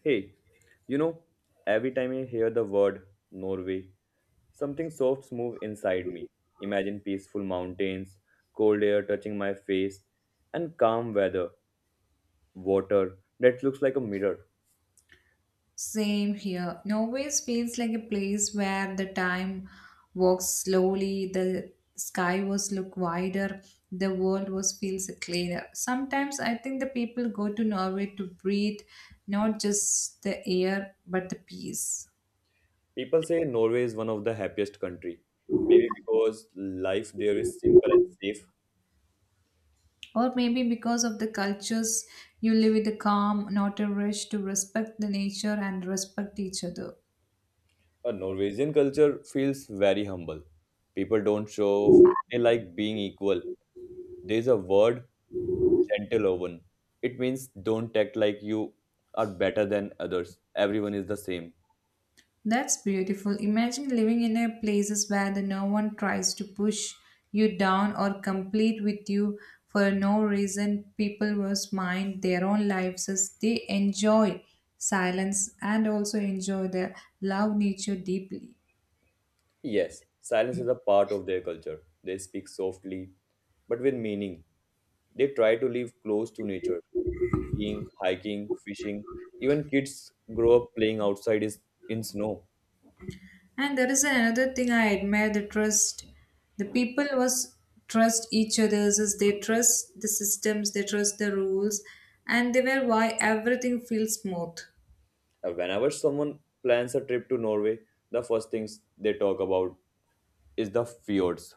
Hey, you know, every time I hear the word Norway, something soft moves inside me. Imagine peaceful mountains, cold air touching my face, and calm weather, water that looks like a mirror. Same here. Norway feels like a place where the time walks slowly, the sky was look wider, the world was feels cleaner. Sometimes I think the people go to Norway to breathe not just the air but the peace. People say Norway is one of the happiest country. Maybe because life there is simple and safe. Or maybe because of the cultures you live with a calm, not a rush to respect the nature and respect each other. A Norwegian culture feels very humble. People don't show off. They like being equal. There's a word gentle oven. It means don't act like you are better than others. Everyone is the same. That's beautiful. Imagine living in a places where the no one tries to push you down or compete with you for no reason. People must mind their own lives as they enjoy silence and also enjoy the love nature deeply. Yes, silence is a part of their culture. They speak softly, but with meaning. They try to live close to nature, skiing, hiking, fishing. Even kids grow up playing outside is in snow. And there is another thing I admire the trust. The people was trust each other's as they trust the systems, they trust the rules, and they were why everything feels smooth. And whenever someone plans a trip to Norway, the first things they talk about is the fjords,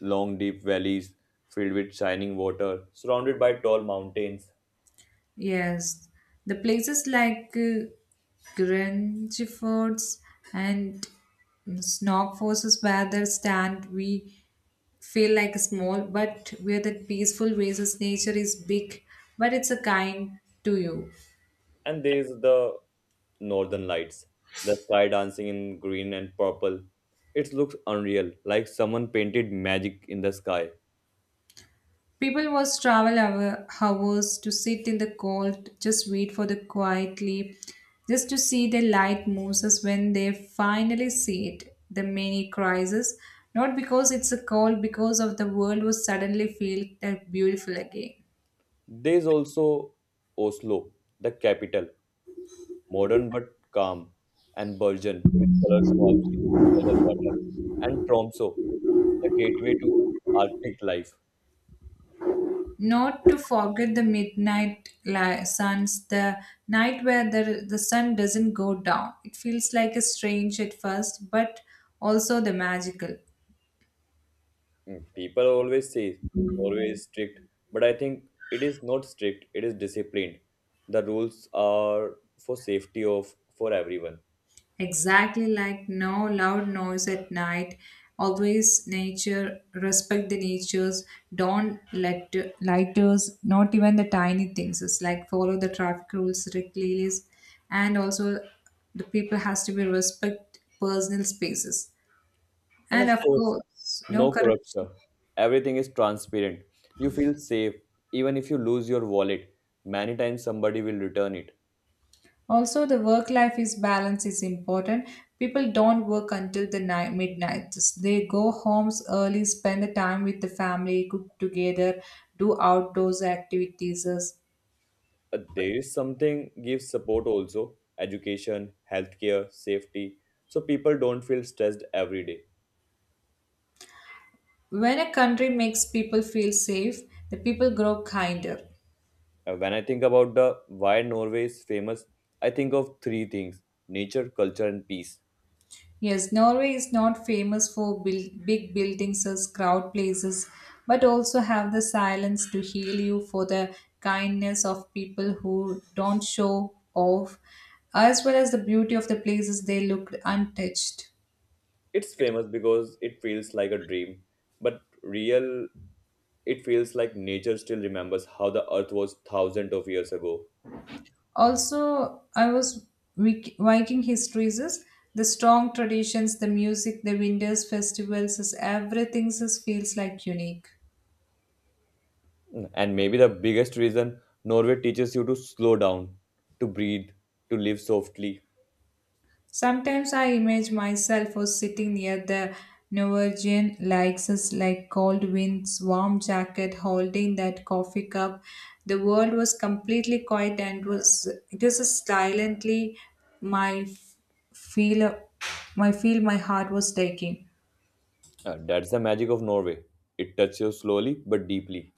long deep valleys filled with shining water, surrounded by tall mountains. Yes, the places like Grangefords and Snogforces where they stand, we feel like small, but where that peaceful races nature is big, but it's a kind to you. And there's the northern lights, the sky dancing in green and purple. It looks unreal, like someone painted magic in the sky. People was travel hour, hours to sit in the cold, just wait for the quietly, just to see the light Moses when they finally see it. The many crises, not because it's a cold, because of the world was suddenly feel that beautiful again. There's also Oslo, the capital, modern but calm and virgin with colors forms near the water, and Tromso, the gateway to Arctic life. Not to forget the suns, the night where the sun doesn't go down. It feels like a strange at first, but also the magical. People always say Norway is strict, but I think it is not strict, it is disciplined. The rules are for safety of for everyone. Exactly like no loud noise at night. Always nature, respect the natures, don't let lighters, not even the tiny things. It's like follow the traffic rules strictly and also the people has to be respect personal spaces. And of And of course, course, no no corruption. corruption. Everything is transparent. You feel safe even if you lose your wallet. Many times somebody will return it. Also, the work life is balance is important. People don't work until the night midnight. They go homes early, spend the time with the family, cook together, do outdoors activities. There is something gives support also, education, healthcare, safety, so people don't feel stressed every day. When a country makes people feel safe, the people grow kinder. When I think about the why Norway is famous, I think of three things: nature, culture, and peace. Yes, Norway is not famous for build, big buildings as crowd places, but also have the silence to heal you for the kindness of people who don't show off, as well as the beauty of the places they looked untouched. It's famous because it feels like a dream, but real it feels like nature still remembers how the earth was thousands of years ago. Also, Viking histories is the strong traditions, the music, the winters festivals is everything is feels like unique. And maybe the biggest reason Norway teaches you to slow down, to breathe, to live softly. Sometimes I imagine myself as sitting near the Norwegian likes us like cold winds, warm jacket, holding that coffee cup. The world was completely quiet and was it was just silently my f- feel feel my heart was taking That's the magic of Norway. It touches you slowly but deeply.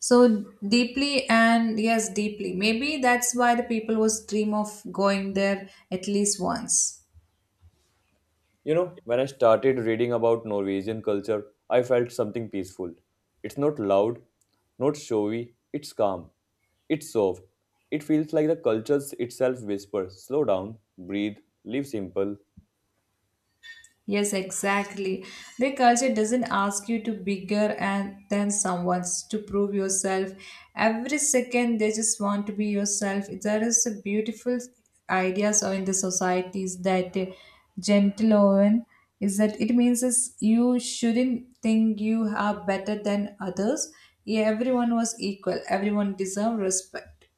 so deeply and yes deeply maybe that's why the people was dream of going there at least once. You know, when I started reading about Norwegian culture, I felt something peaceful. It's not loud, not showy, it's calm, it's soft. It feels like the culture itself whispers, slow down, breathe, live simple. Yes, exactly. Their culture doesn't ask you to bigger and than someone's to prove yourself. Every second they just want to be yourself. There is a beautiful ideas or in the societies that gentle oven is that it means is you shouldn't think you are better than others. Yeah, everyone was equal. Everyone deserve respect.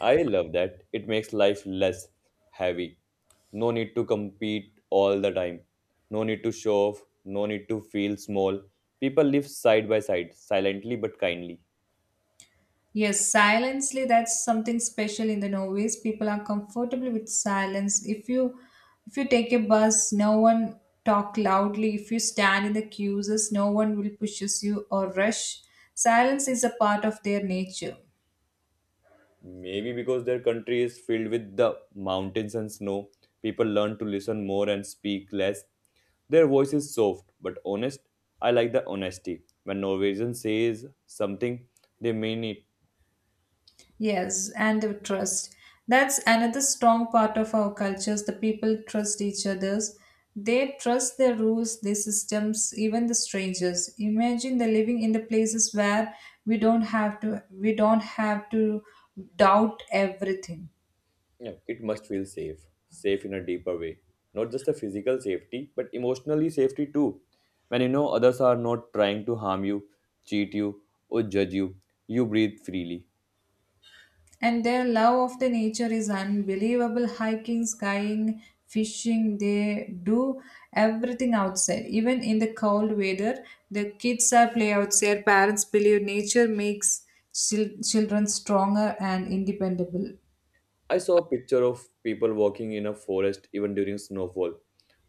I love that. It makes life less heavy. No need to compete all the time. No need to show off, no need to feel small. People live side by side, silently but kindly. Yes, silently, that's something special in the Norways. People are comfortable with silence. If you take a bus, no one talk loudly. If you stand in the queues, no one will pushes you or rush. Silence is a part of their nature. Maybe because their country is filled with the mountains and snow, people learn to listen more and speak less. Their voice is soft but honest. I like the honesty. When Norwegian says something, they mean it. Yes, and the trust. That's another strong part of our cultures. The people trust each others. They trust their rules, their systems, even the strangers. Imagine the living in the places where we don't have to doubt everything. Yeah, it must feel safe, safe in a deeper way. Not just a physical safety, but emotionally safety too. When you know others are not trying to harm you, cheat you, or judge you, you breathe freely. And their love of the nature is unbelievable. Hiking, skiing, fishing, they do everything outside. Even in the cold weather, the kids are play outside. Parents believe nature makes children stronger and independent. I saw a picture of people walking in a forest even during snowfall.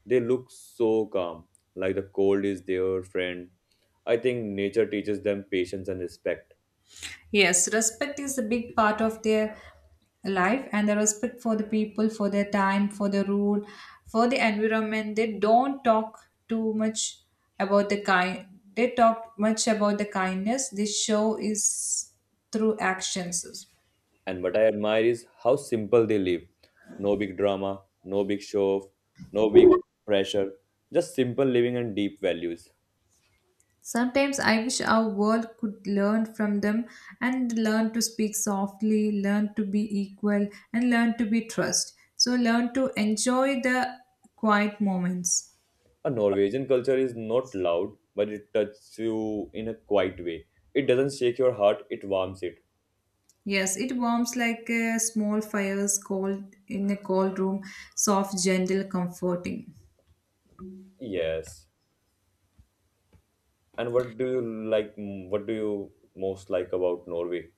They look so calm, like the cold is their friend. I think nature teaches them patience and respect. Yes, respect is a big part of their life and the respect for the people, for their time, for the rule, for the environment. They don't talk too much about the kind they talk much about the kindness they show is through actions. And what I admire is how simple they live. No big drama, no big show off, no big pressure, just simple living and deep values. Sometimes I wish our world could learn from them and learn to speak softly, learn to be equal, and learn to be trust. So learn to enjoy the quiet moments. A Norwegian culture is not loud, but it touches you in a quiet way. It doesn't shake your heart, it warms it. Yes, it warms like a small fire's cold in a cold room, soft, gentle, comforting. Yes. And what do you like? What do you most like about Norway?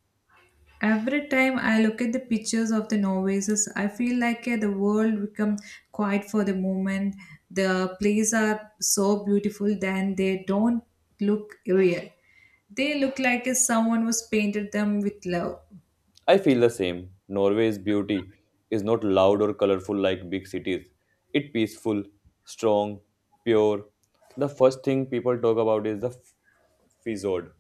Every time I look at the pictures of the novices, I feel like the world becomes quiet for the moment. The plays are so beautiful then they don't look real. They look like someone was painted them with love. I feel the same. Norway's beauty is not loud or colorful like big cities. It's peaceful, strong, pure. The first thing people talk about is the fjord.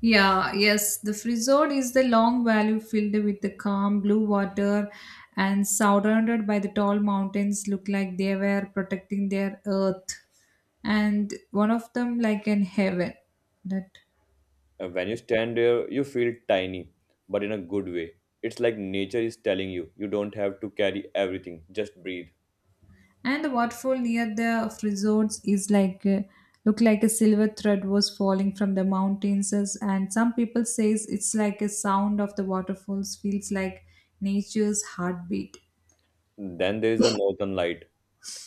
Yeah, yes, the Frisord is the long valley filled with the calm blue water and surrounded by the tall mountains look like they were protecting their earth and one of them like in heaven. That And when you stand there, you feel tiny, but in a good way. It's like nature is telling you you don't have to carry everything, just breathe. and the waterfall near the Frisords is like look like a silver thread was falling from the mountains as- and some people says it's like a sound of the waterfalls feels like nature's heartbeat. Then there is the northern light.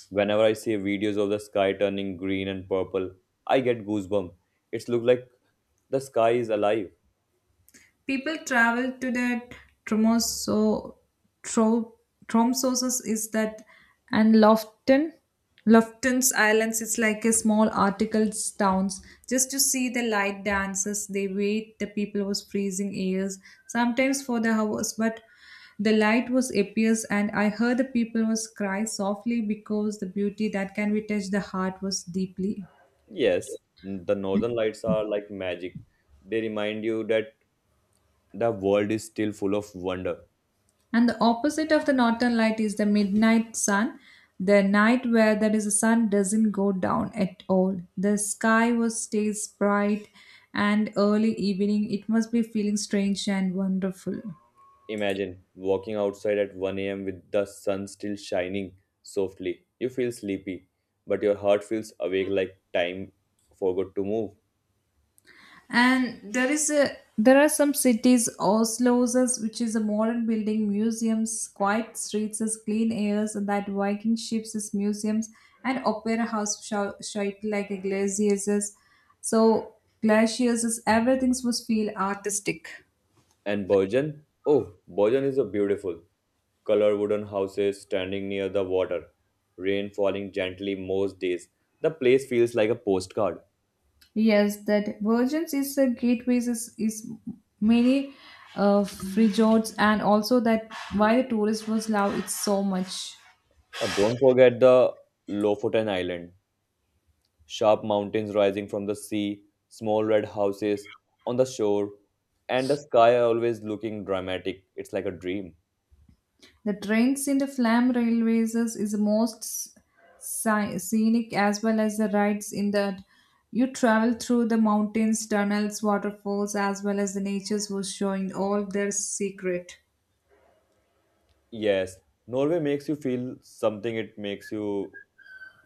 Whenever I see videos of the sky turning green and purple, I get goosebumps. It's look like the sky is alive. People travel to that Tromso, tro, Tromsosis is that, and Lofton's Islands is like a small articles towns just to see the light dances. They wait. The people was freezing years sometimes for the hours, but the light was appears and I heard the people was cry softly because the beauty that can be touched the heart was deeply. Yes, the northern lights are like magic. They remind you that the world is still full of wonder. And the opposite of the northern light is the midnight sun, the night where there is a sun doesn't go down at all. The sky was stays bright and early evening it must be feeling strange and wonderful. Imagine walking outside at 1 a.m. with the sun still shining softly. You feel sleepy, but your heart feels awake like time forgot to move. And there is a there are some cities, Oslo's, as- which is a modern building, museums, quiet streets, as clean airs, and that Viking ships as museums, and opera house shite like a glaciers. As- So glaciers, as everything must feel artistic. And Bergen? Oh, Bergen is a beautiful. Color wooden houses standing near the water. Rain falling gently most days. The place feels like a postcard. Yes, that Virgins is a is many uh, resorts, and also that why the tourist was love it so much. Don't forget the Lofoten Island. Sharp mountains rising from the sea, small red houses on the shore, and the sky always looking dramatic. It's like a dream. The trains in the Flam Railways is the most scenic as well as the rides in that you travel through the mountains, tunnels, waterfalls as well as the nature's was showing all their secret. Yes, Norway makes you feel something, it makes you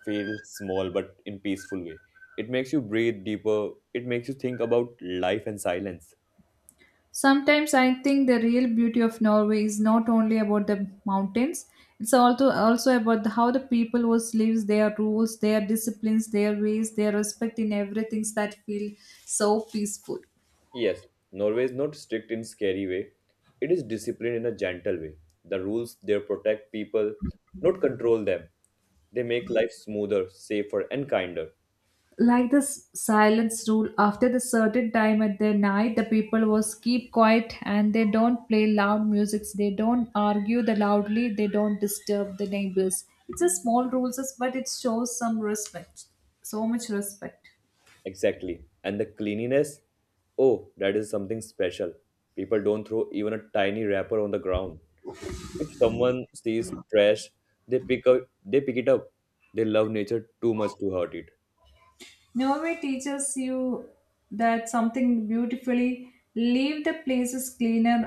feel small but in peaceful way. It makes you breathe deeper. It makes you think about life and silence. Sometimes I think the real beauty of Norway is not only about the mountains, it's also about the, how the people was lives, their rules, their disciplines, their ways, their respect in everything that feel so peaceful. Yes, Norway is not strict in scary way. It is disciplined in a gentle way. The rules there protect people, not control them. They make life smoother, safer, and kinder. Like the silence rule after the certain time at the night the people was keep quiet and they don't play loud musics they don't argue the loudly they don't disturb the neighbors it's a small rules but it shows some respect so much respect. Exactly. And the cleanliness? Oh, that is something special. People don't throw even a tiny wrapper on the ground. If someone sees trash, they pick it up. They love nature too much to hurt it. Norway teaches you that something beautifully leave the places cleaner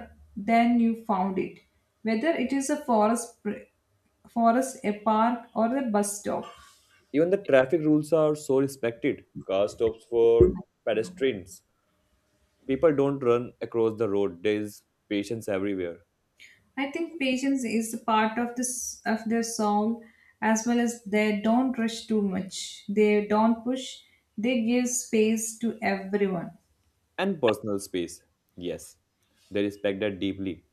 than you found it whether it is a forest a park or a bus stop. Even the traffic rules are so respected. Car stops for pedestrians. People don't run across the road. There is patience everywhere. I think patience is a part of their soul as well as they don't rush too much. They don't push. They give space to everyone. And personal space. Yes. They respect that deeply.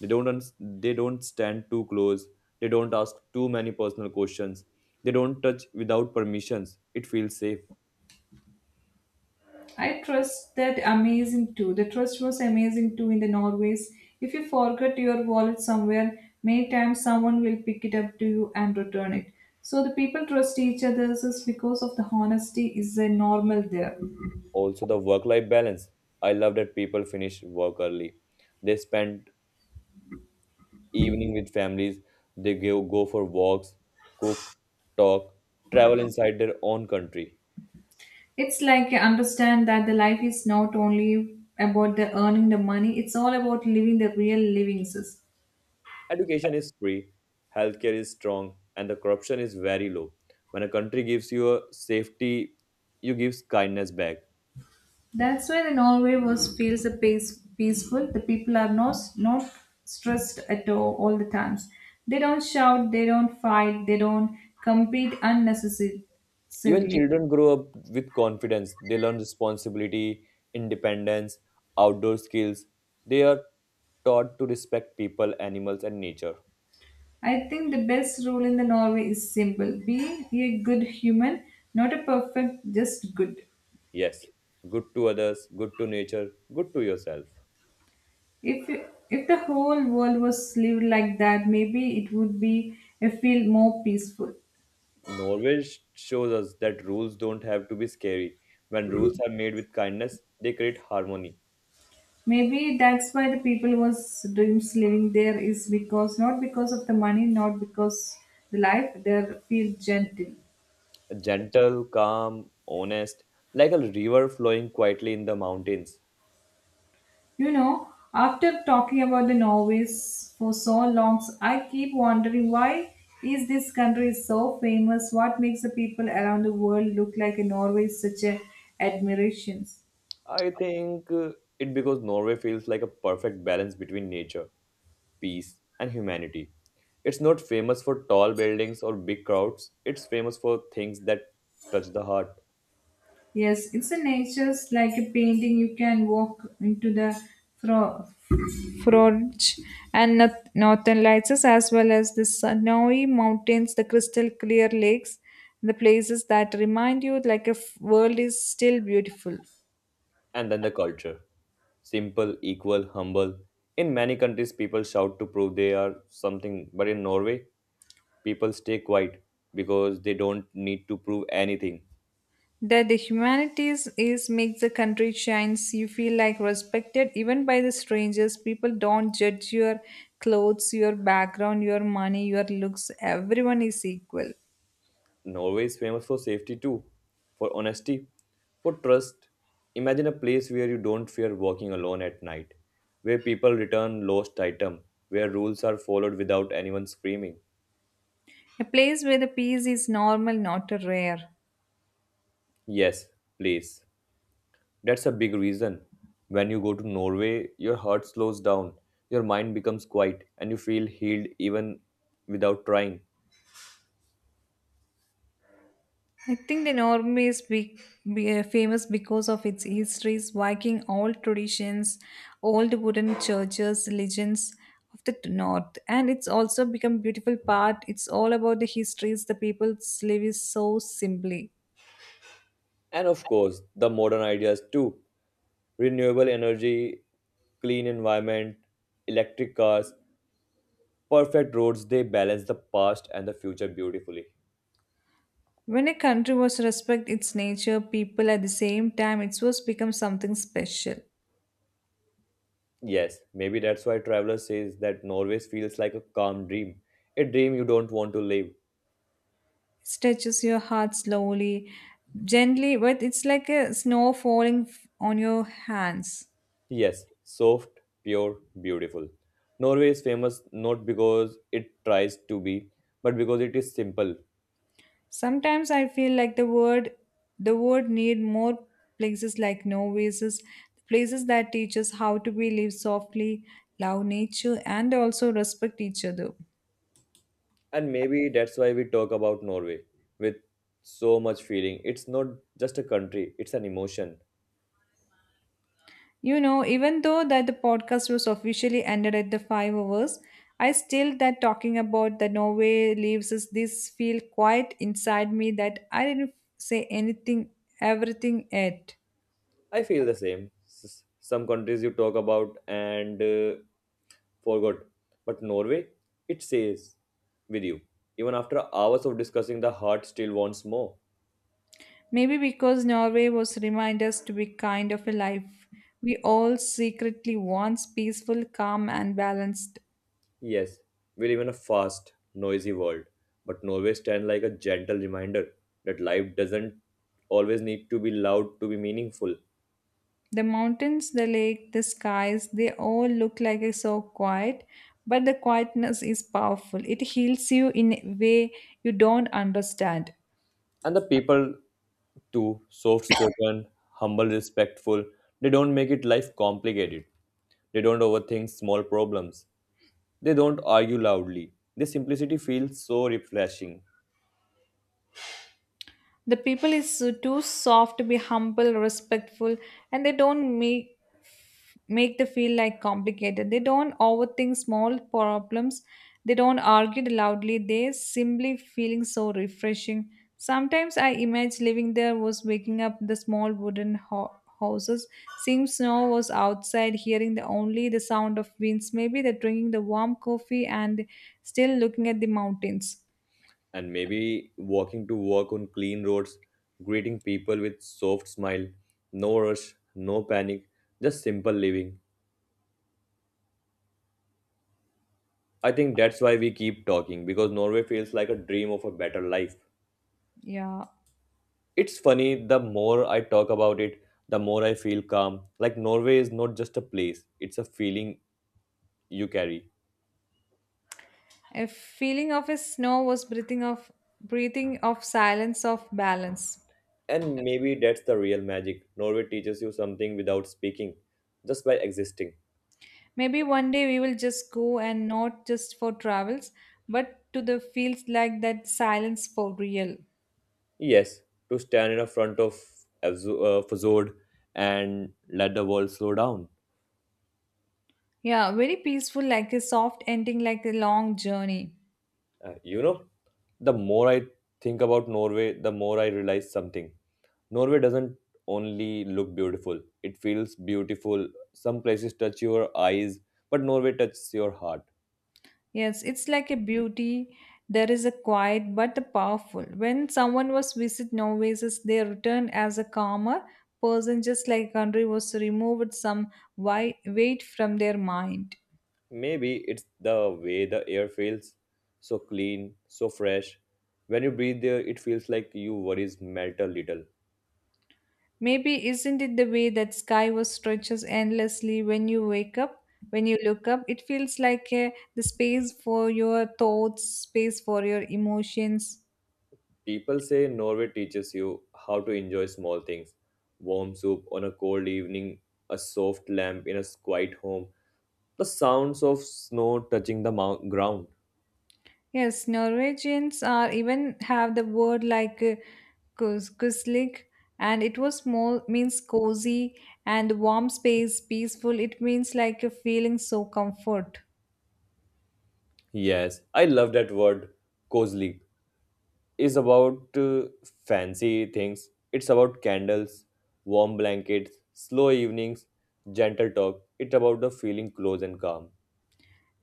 They don't stand too close. They don't ask too many personal questions. They don't touch without permissions. It feels safe. I trust that amazing too. The trust was amazing too in the Norways. If you forget your wallet somewhere, many times someone will pick it up to you and return it. So the people trust each other just because of the honesty is a normal there. Also, the work life balance. I love that people finish work early. They spend evening with families. They go for walks, cook, talk, travel inside their own country. It's like you understand that the life is not only about the earning the money, it's all about living the real livings. Education is free, healthcare is strong, and the corruption is very low. When a country gives you a safety, you gives kindness back. That's why the Norway was feels a peace, peaceful. The people are not stressed at all the times. They don't shout, they don't fight, they don't compete Even unnecessarily. children grow up with confidence. They learn responsibility, independence, outdoor skills. They are taught to respect people, animals, and nature. I think the best rule in the Norway is simple. Be a good human, not a perfect, just good. Yes, good to others, good to nature, good to yourself. If if the whole world was lived like that, maybe it would be a feel more peaceful. Norway shows us that rules don't have to be scary. When rules are made with kindness, they create harmony. Maybe that's why the people was dreams living there is because not because of the money, not because the life they feel gentle. Gentle, calm, honest, like a river flowing quietly in the mountains. You know, after talking about the Norways for so long, I keep wondering why is this country so famous? What makes the people around the world look like a Norway such a admirations? I think it because Norway feels like a perfect balance between nature, peace, and humanity. It's not famous for tall buildings or big crowds, it's famous for things that touch the heart Yes, it's a nature's like a painting. You can walk into the fro- forge and northern lights as well as the snowy mountains, the crystal clear lakes, the places that remind you like a world is still beautiful. and then the culture. Simple, equal, humble. In many countries, people shout to prove they are something, but in Norway, people stay quiet because they don't need to prove anything. That the humanities is makes the country shines. You feel like respected even by the strangers. People don't judge your clothes, your background, your money, your looks. Everyone is equal. Norway is famous for safety too, for honesty, for trust. Imagine a place where you don't fear walking alone at night, where people return lost item, where rules are followed without anyone screaming. A place where the peace is normal, not a rare. Yes, please. That's a big reason. When you go to Norway, your heart slows down, your mind becomes quiet, and you feel healed even without trying. I think the Norway is famous because of its histories, Viking old traditions, old wooden churches, legends of the north. And it's also become beautiful part. It's all about the histories, the people's live is so simply. And of course, the modern ideas too. Renewable energy, clean environment, electric cars, perfect roads they balance the past and the future beautifully. When a country was respect its nature, people at the same time, it was become something special. Yes, maybe that's why traveler says that Norway feels like a calm dream, a dream you don't want to live. Stretches your heart slowly, gently, but it's like a snow on your hands. Yes, soft, pure, beautiful. Norway is famous not because it tries to be but because it is simple. Sometimes I feel like the word need more places like novices, places that teach us how to be live softly, love nature and also respect each other. And maybe that's why we talk about Norway with so much feeling. It's not just a country, it's an emotion. You know, even though that the podcast was officially ended at the 5 hours, I still that talking about the Norway leaves is this feel quite inside me that I didn't say anything, everything yet. I feel the same. Some countries you talk about and forgot, but Norway, it stays with you. Even after hours of discussing, the heart still wants more. Maybe because Norway was remind us to be kind of a life we all secretly wants peaceful, calm, and balanced. Yes, we live in a fast, noisy world, but Norway stands like a gentle reminder that life doesn't always need to be loud to be meaningful. The mountains, the lake, the skies, they all look like it's so quiet, but the quietness is powerful. It heals you in a way you don't understand. And the people, too, soft spoken, humble, respectful, they don't make it life complicated. They don't overthink small problems. They don't argue loudly. This simplicity feels so refreshing. The people is too soft to be humble, respectful, and they don't make the feel like complicated. They don't overthink small problems. They don't argue loudly. They simply feeling so refreshing. Sometimes I imagine living there was waking up the small wooden houses, seeing snow was outside, hearing the only the sound of winds. Maybe they're drinking the warm coffee and still looking at the mountains. And maybe walking to work on clean roads, greeting people with soft smile, no rush, no panic, just simple living. I think that's why we keep talking because Norway feels like a dream of a better life. Yeah. It's funny, the more I talk about it, the more I feel calm. Like Norway is not just a place, it's a feeling you carry. A feeling of a snow was breathing of silence of balance. And maybe that's the real magic. Norway teaches you something without speaking, just by existing. Maybe one day we will just go and not just for travels, but to the fields like that silence for real. Yes, to stand in front of Fazod and let the world slow down. Yeah, very peaceful, like a soft ending, like a long journey. You know, the more I think about Norway, the more I realize something. Norway doesn't only look beautiful, it feels beautiful. Some places touch your eyes, but Norway touches your heart. Yes, it's like a beauty. There is a quiet but the powerful. When someone was visit Norway's, they returned as a calmer person, just like country was removed some weight from their mind. Maybe it's the way the air feels so clean, so fresh. When you breathe there, it feels like your worries melt a little. Maybe isn't it the way that sky was stretches endlessly when you wake up, when you look up? It feels like the space for your thoughts, space for your emotions. People say Norway teaches you how to enjoy small things, warm soup on a cold evening, a soft lamp in a quiet home, the sounds of snow touching the ground. Yes, Norwegians are even have the word like kuslig, and it was small means cozy and warm space, peaceful. It means like a feeling so comfort. Yes, I love that word, cozy. Is about fancy things. It's about candles, warm blankets, slow evenings, gentle talk. It's about the feeling close and calm.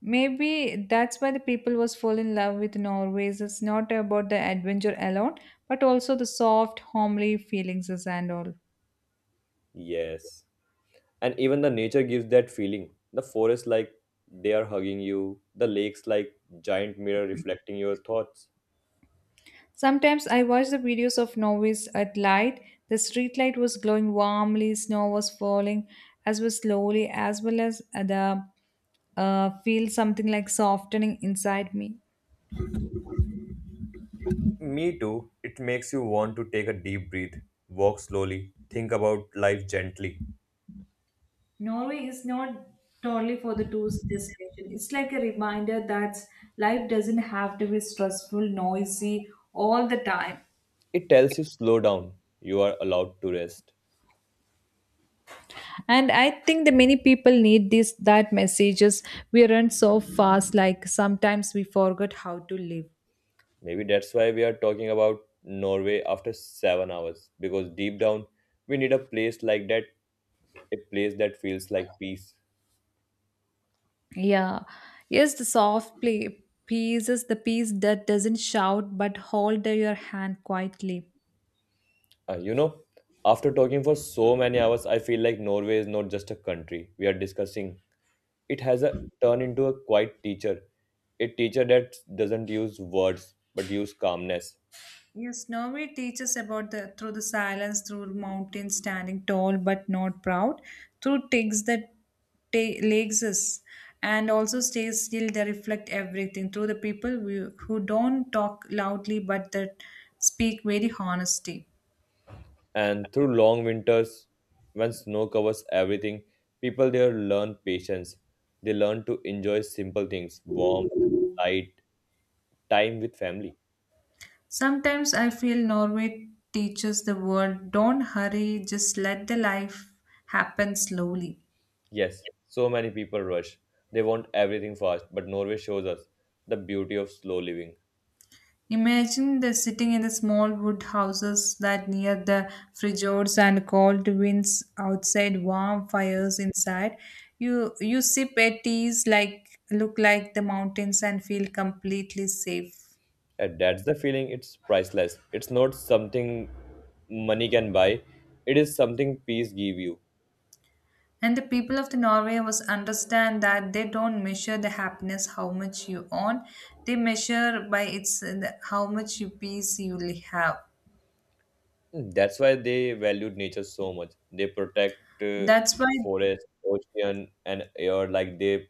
Maybe that's why the people was fall in love with Norways. It's not about the adventure alone, but also the soft, homely feelings is and all. Yes. And even the nature gives that feeling, the forest like they are hugging you, the lakes like giant mirror reflecting your thoughts. Sometimes I watch the videos of Norways at light. The street light was glowing warmly, snow was falling as well slowly, as well as the feel something like softening inside me. Me too. It makes you want to take a deep breath, walk slowly, think about life gently. Norway is not totally for the tourist destination. It's like a reminder that life doesn't have to be stressful, noisy all the time. It tells you slow down, you are allowed to rest. And I think the many people need this that messages. We run so fast like sometimes we forget how to live. Maybe that's why we are talking about norway after 7 hours, because deep down we need a place like that, a place that feels like peace. Yeah. Yes, the soft play pieces the piece that doesn't shout but hold your hand quietly. Uh, you know, After talking for so many hours, I feel like Norway is not just a country we are discussing. It has a turn into a quiet teacher, a teacher that doesn't use words but use calmness. Yes, Norway teaches about the through the silence, through mountains standing tall but not proud, through takes that legs us, and also stays still. They reflect everything through the people who don't talk loudly but that speak very honesty. And through long winters, when snow covers everything, people there learn patience. They learn to enjoy simple things, warmth, light, time with family. Sometimes I feel Norway teaches the world don't hurry, just let the life happen slowly. Yes, so many people rush. They want everything fast, but Norway shows us the beauty of slow living. Imagine the sitting in the small wood houses that near the fjords and cold winds outside, warm fires inside. You sip a teas like look like the mountains and feel completely safe. And that's the feeling, it's priceless. It's not something money can buy, it is something peace give you. And the people of the Norway was understand that they don't measure the happiness how much you own. They measure by its how much you peace you have. That's why they valued nature so much. They protect That's why. forest, ocean, and air like they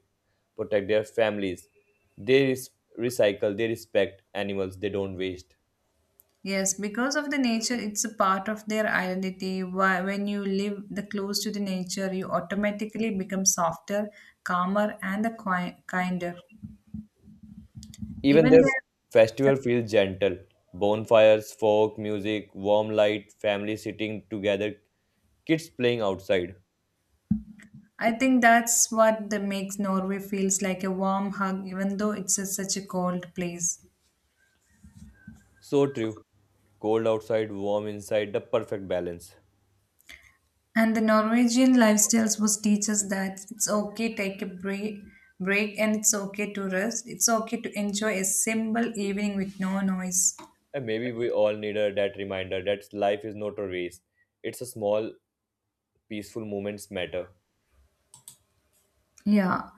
protect their families. They recycle, they respect animals, they don't waste. Yes, because of the nature, it's a part of their identity. When you live the close to the nature, you automatically become softer, calmer, and the kinder. Even Even their the. festival feels gentle. Bonfires, folk music, warm light, family sitting together, kids playing outside. I think that's what the makes Norway feels like a warm hug, even though it's such a cold place. So true. Cold outside, warm inside, the perfect balance. And the Norwegian lifestyles was teach us that it's okay take a break, and it's okay to rest. It's okay to enjoy a simple evening with no noise. And maybe we all need that reminder that life is not a race. It's a small, peaceful moments matter. Yeah,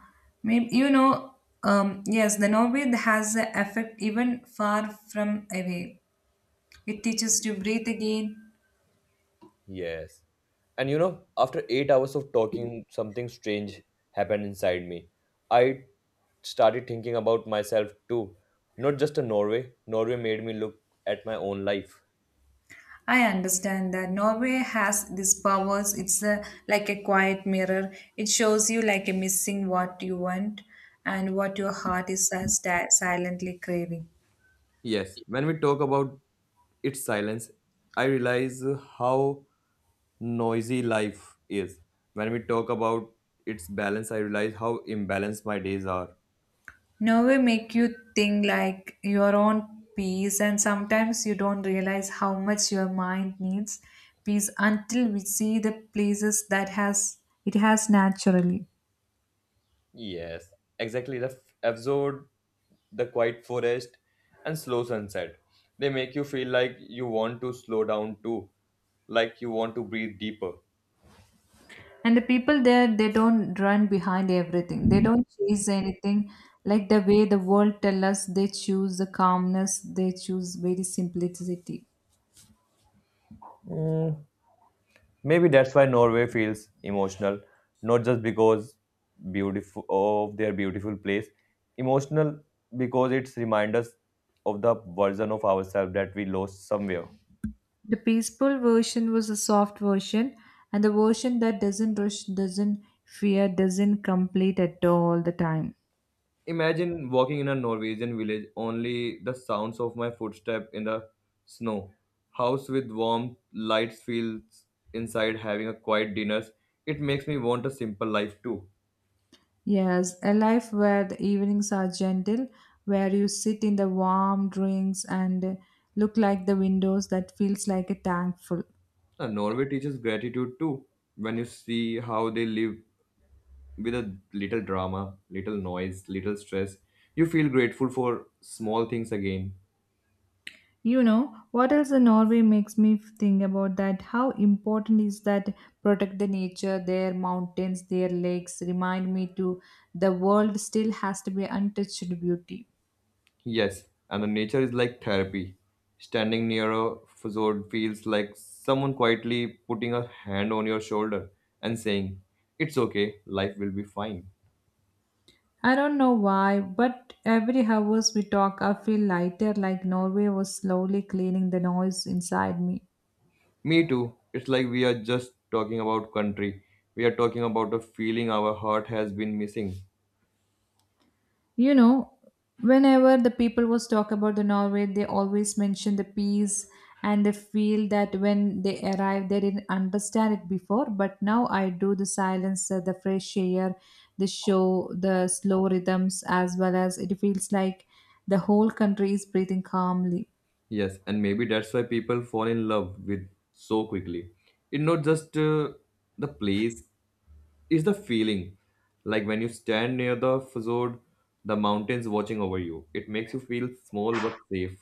maybe yes, the novel has an effect even far from away. It teaches to breathe again. Yes. And after 8 hours of talking, something strange happened inside me. I started thinking about myself too. Not just a Norway. Norway made me look at my own life. I understand that Norway has these powers. It's like a quiet mirror. It shows you like a missing what you want and what your heart is silently craving. Yes. When we talk about its silence, I realize how noisy life is. When we talk about its balance, I realize how imbalanced my days are. Nerve make you think like your own peace, and sometimes you don't realize how much your mind needs peace until we see the places that has it has naturally. Yes, exactly. The absurd, the quiet forest, and slow sunset. They make you feel like you want to slow down too, like you want to breathe deeper. And the people there, they don't run behind everything. They don't chase anything like the way the world tell us. They choose the calmness. They choose very simplicity. Mm, Maybe that's why Norway feels emotional, not just because beautiful of their beautiful place, emotional because it's remind us of the version of ourselves that we lost somewhere. The peaceful version was a soft version, and the version that doesn't rush, doesn't fear, doesn't complete at all the time. Imagine walking in a Norwegian village, only the sounds of my footstep in the snow. House with warm lights feels inside having a quiet dinners. It makes me want a simple life too. Yes, a life where the evenings are gentle, where you sit in the warm drinks and look like the windows that feels like a tank full. Norway teaches gratitude too. When you see how they live with a little drama, little noise, little stress, you feel grateful for small things again. You know, what else in Norway makes me think about that? How important is that protect the nature, their mountains, their lakes, remind me to the world still has to be untouched beauty. Yes, and the nature is like therapy. Standing near a fjord feels like someone quietly putting a hand on your shoulder and saying, it's okay, life will be fine. I don't know why, but every hours we talk, I feel lighter, like Norway was slowly cleaning the noise inside me. Me too. It's like we are just talking about country. We are talking about a feeling our heart has been missing. You know, whenever the people was talk about the Norway, they always mention the peace and they feel that when they arrive, they didn't understand it before. But now I do the silence, the fresh air, the show, the slow rhythms, as well as it feels like the whole country is breathing calmly. Yes, and maybe that's why people fall in love with so quickly. It's not just the place, is the feeling like when you stand near the fjord, the mountains watching over you. It makes you feel small but safe.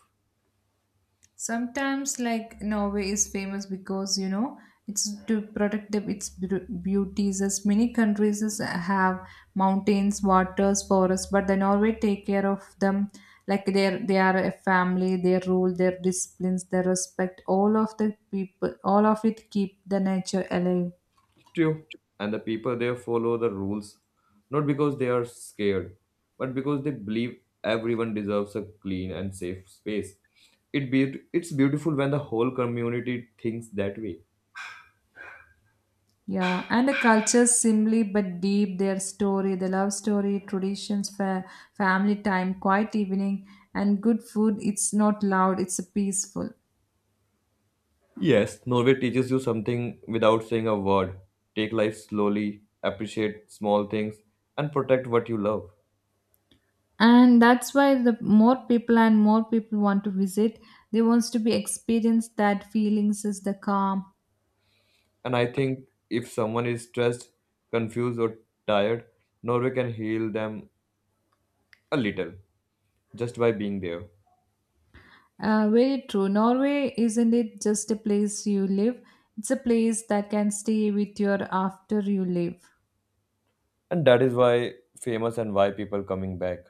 Sometimes, like Norway is famous because it's to protect its beauties. As many countries have mountains, waters, forests, but the Norway take care of them. Like they are a family. Their rule, their disciplines, their respect. All of the people, all of it keep the nature alive. True. And the people there follow the rules, not because they are scared, but because they believe everyone deserves a clean and safe space. It's beautiful when the whole community thinks that way. Yeah, and the culture simply but deep, their story, the love story, traditions, family time, quiet evening, and good food. It's not loud, it's peaceful. Yes, Norway teaches you something without saying a word. Take life slowly, appreciate small things, and protect what you love. And that's why the more people and more people want to visit, they wants to be experienced that feelings is the calm. And I think if someone is stressed, confused, or tired, Norway can heal them a little just by being there. Very true. Norway isn't it just a place you live? It's a place that can stay with you after you leave. And that is why famous and why people coming back.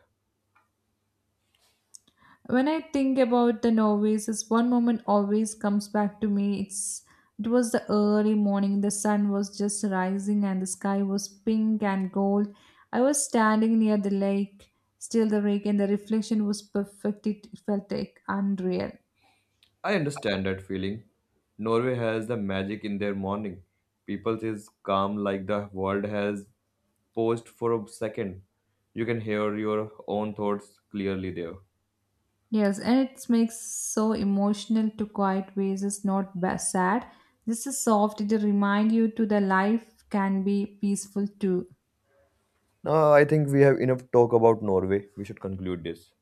When I think about the Norways, this one moment always comes back to me. It was the early morning. The sun was just rising, and the sky was pink and gold. I was standing near the lake, still the lake, and the reflection was perfect. It felt like unreal. I understand that feeling. Norway has the magic in their morning. People is calm like the world has paused for a second. You can hear your own thoughts clearly there. Yes, and it makes so emotional to quiet ways. It's not sad. This is soft. It remind you to the life can be peaceful too. Now I think we have enough talk about Norway. We should conclude this.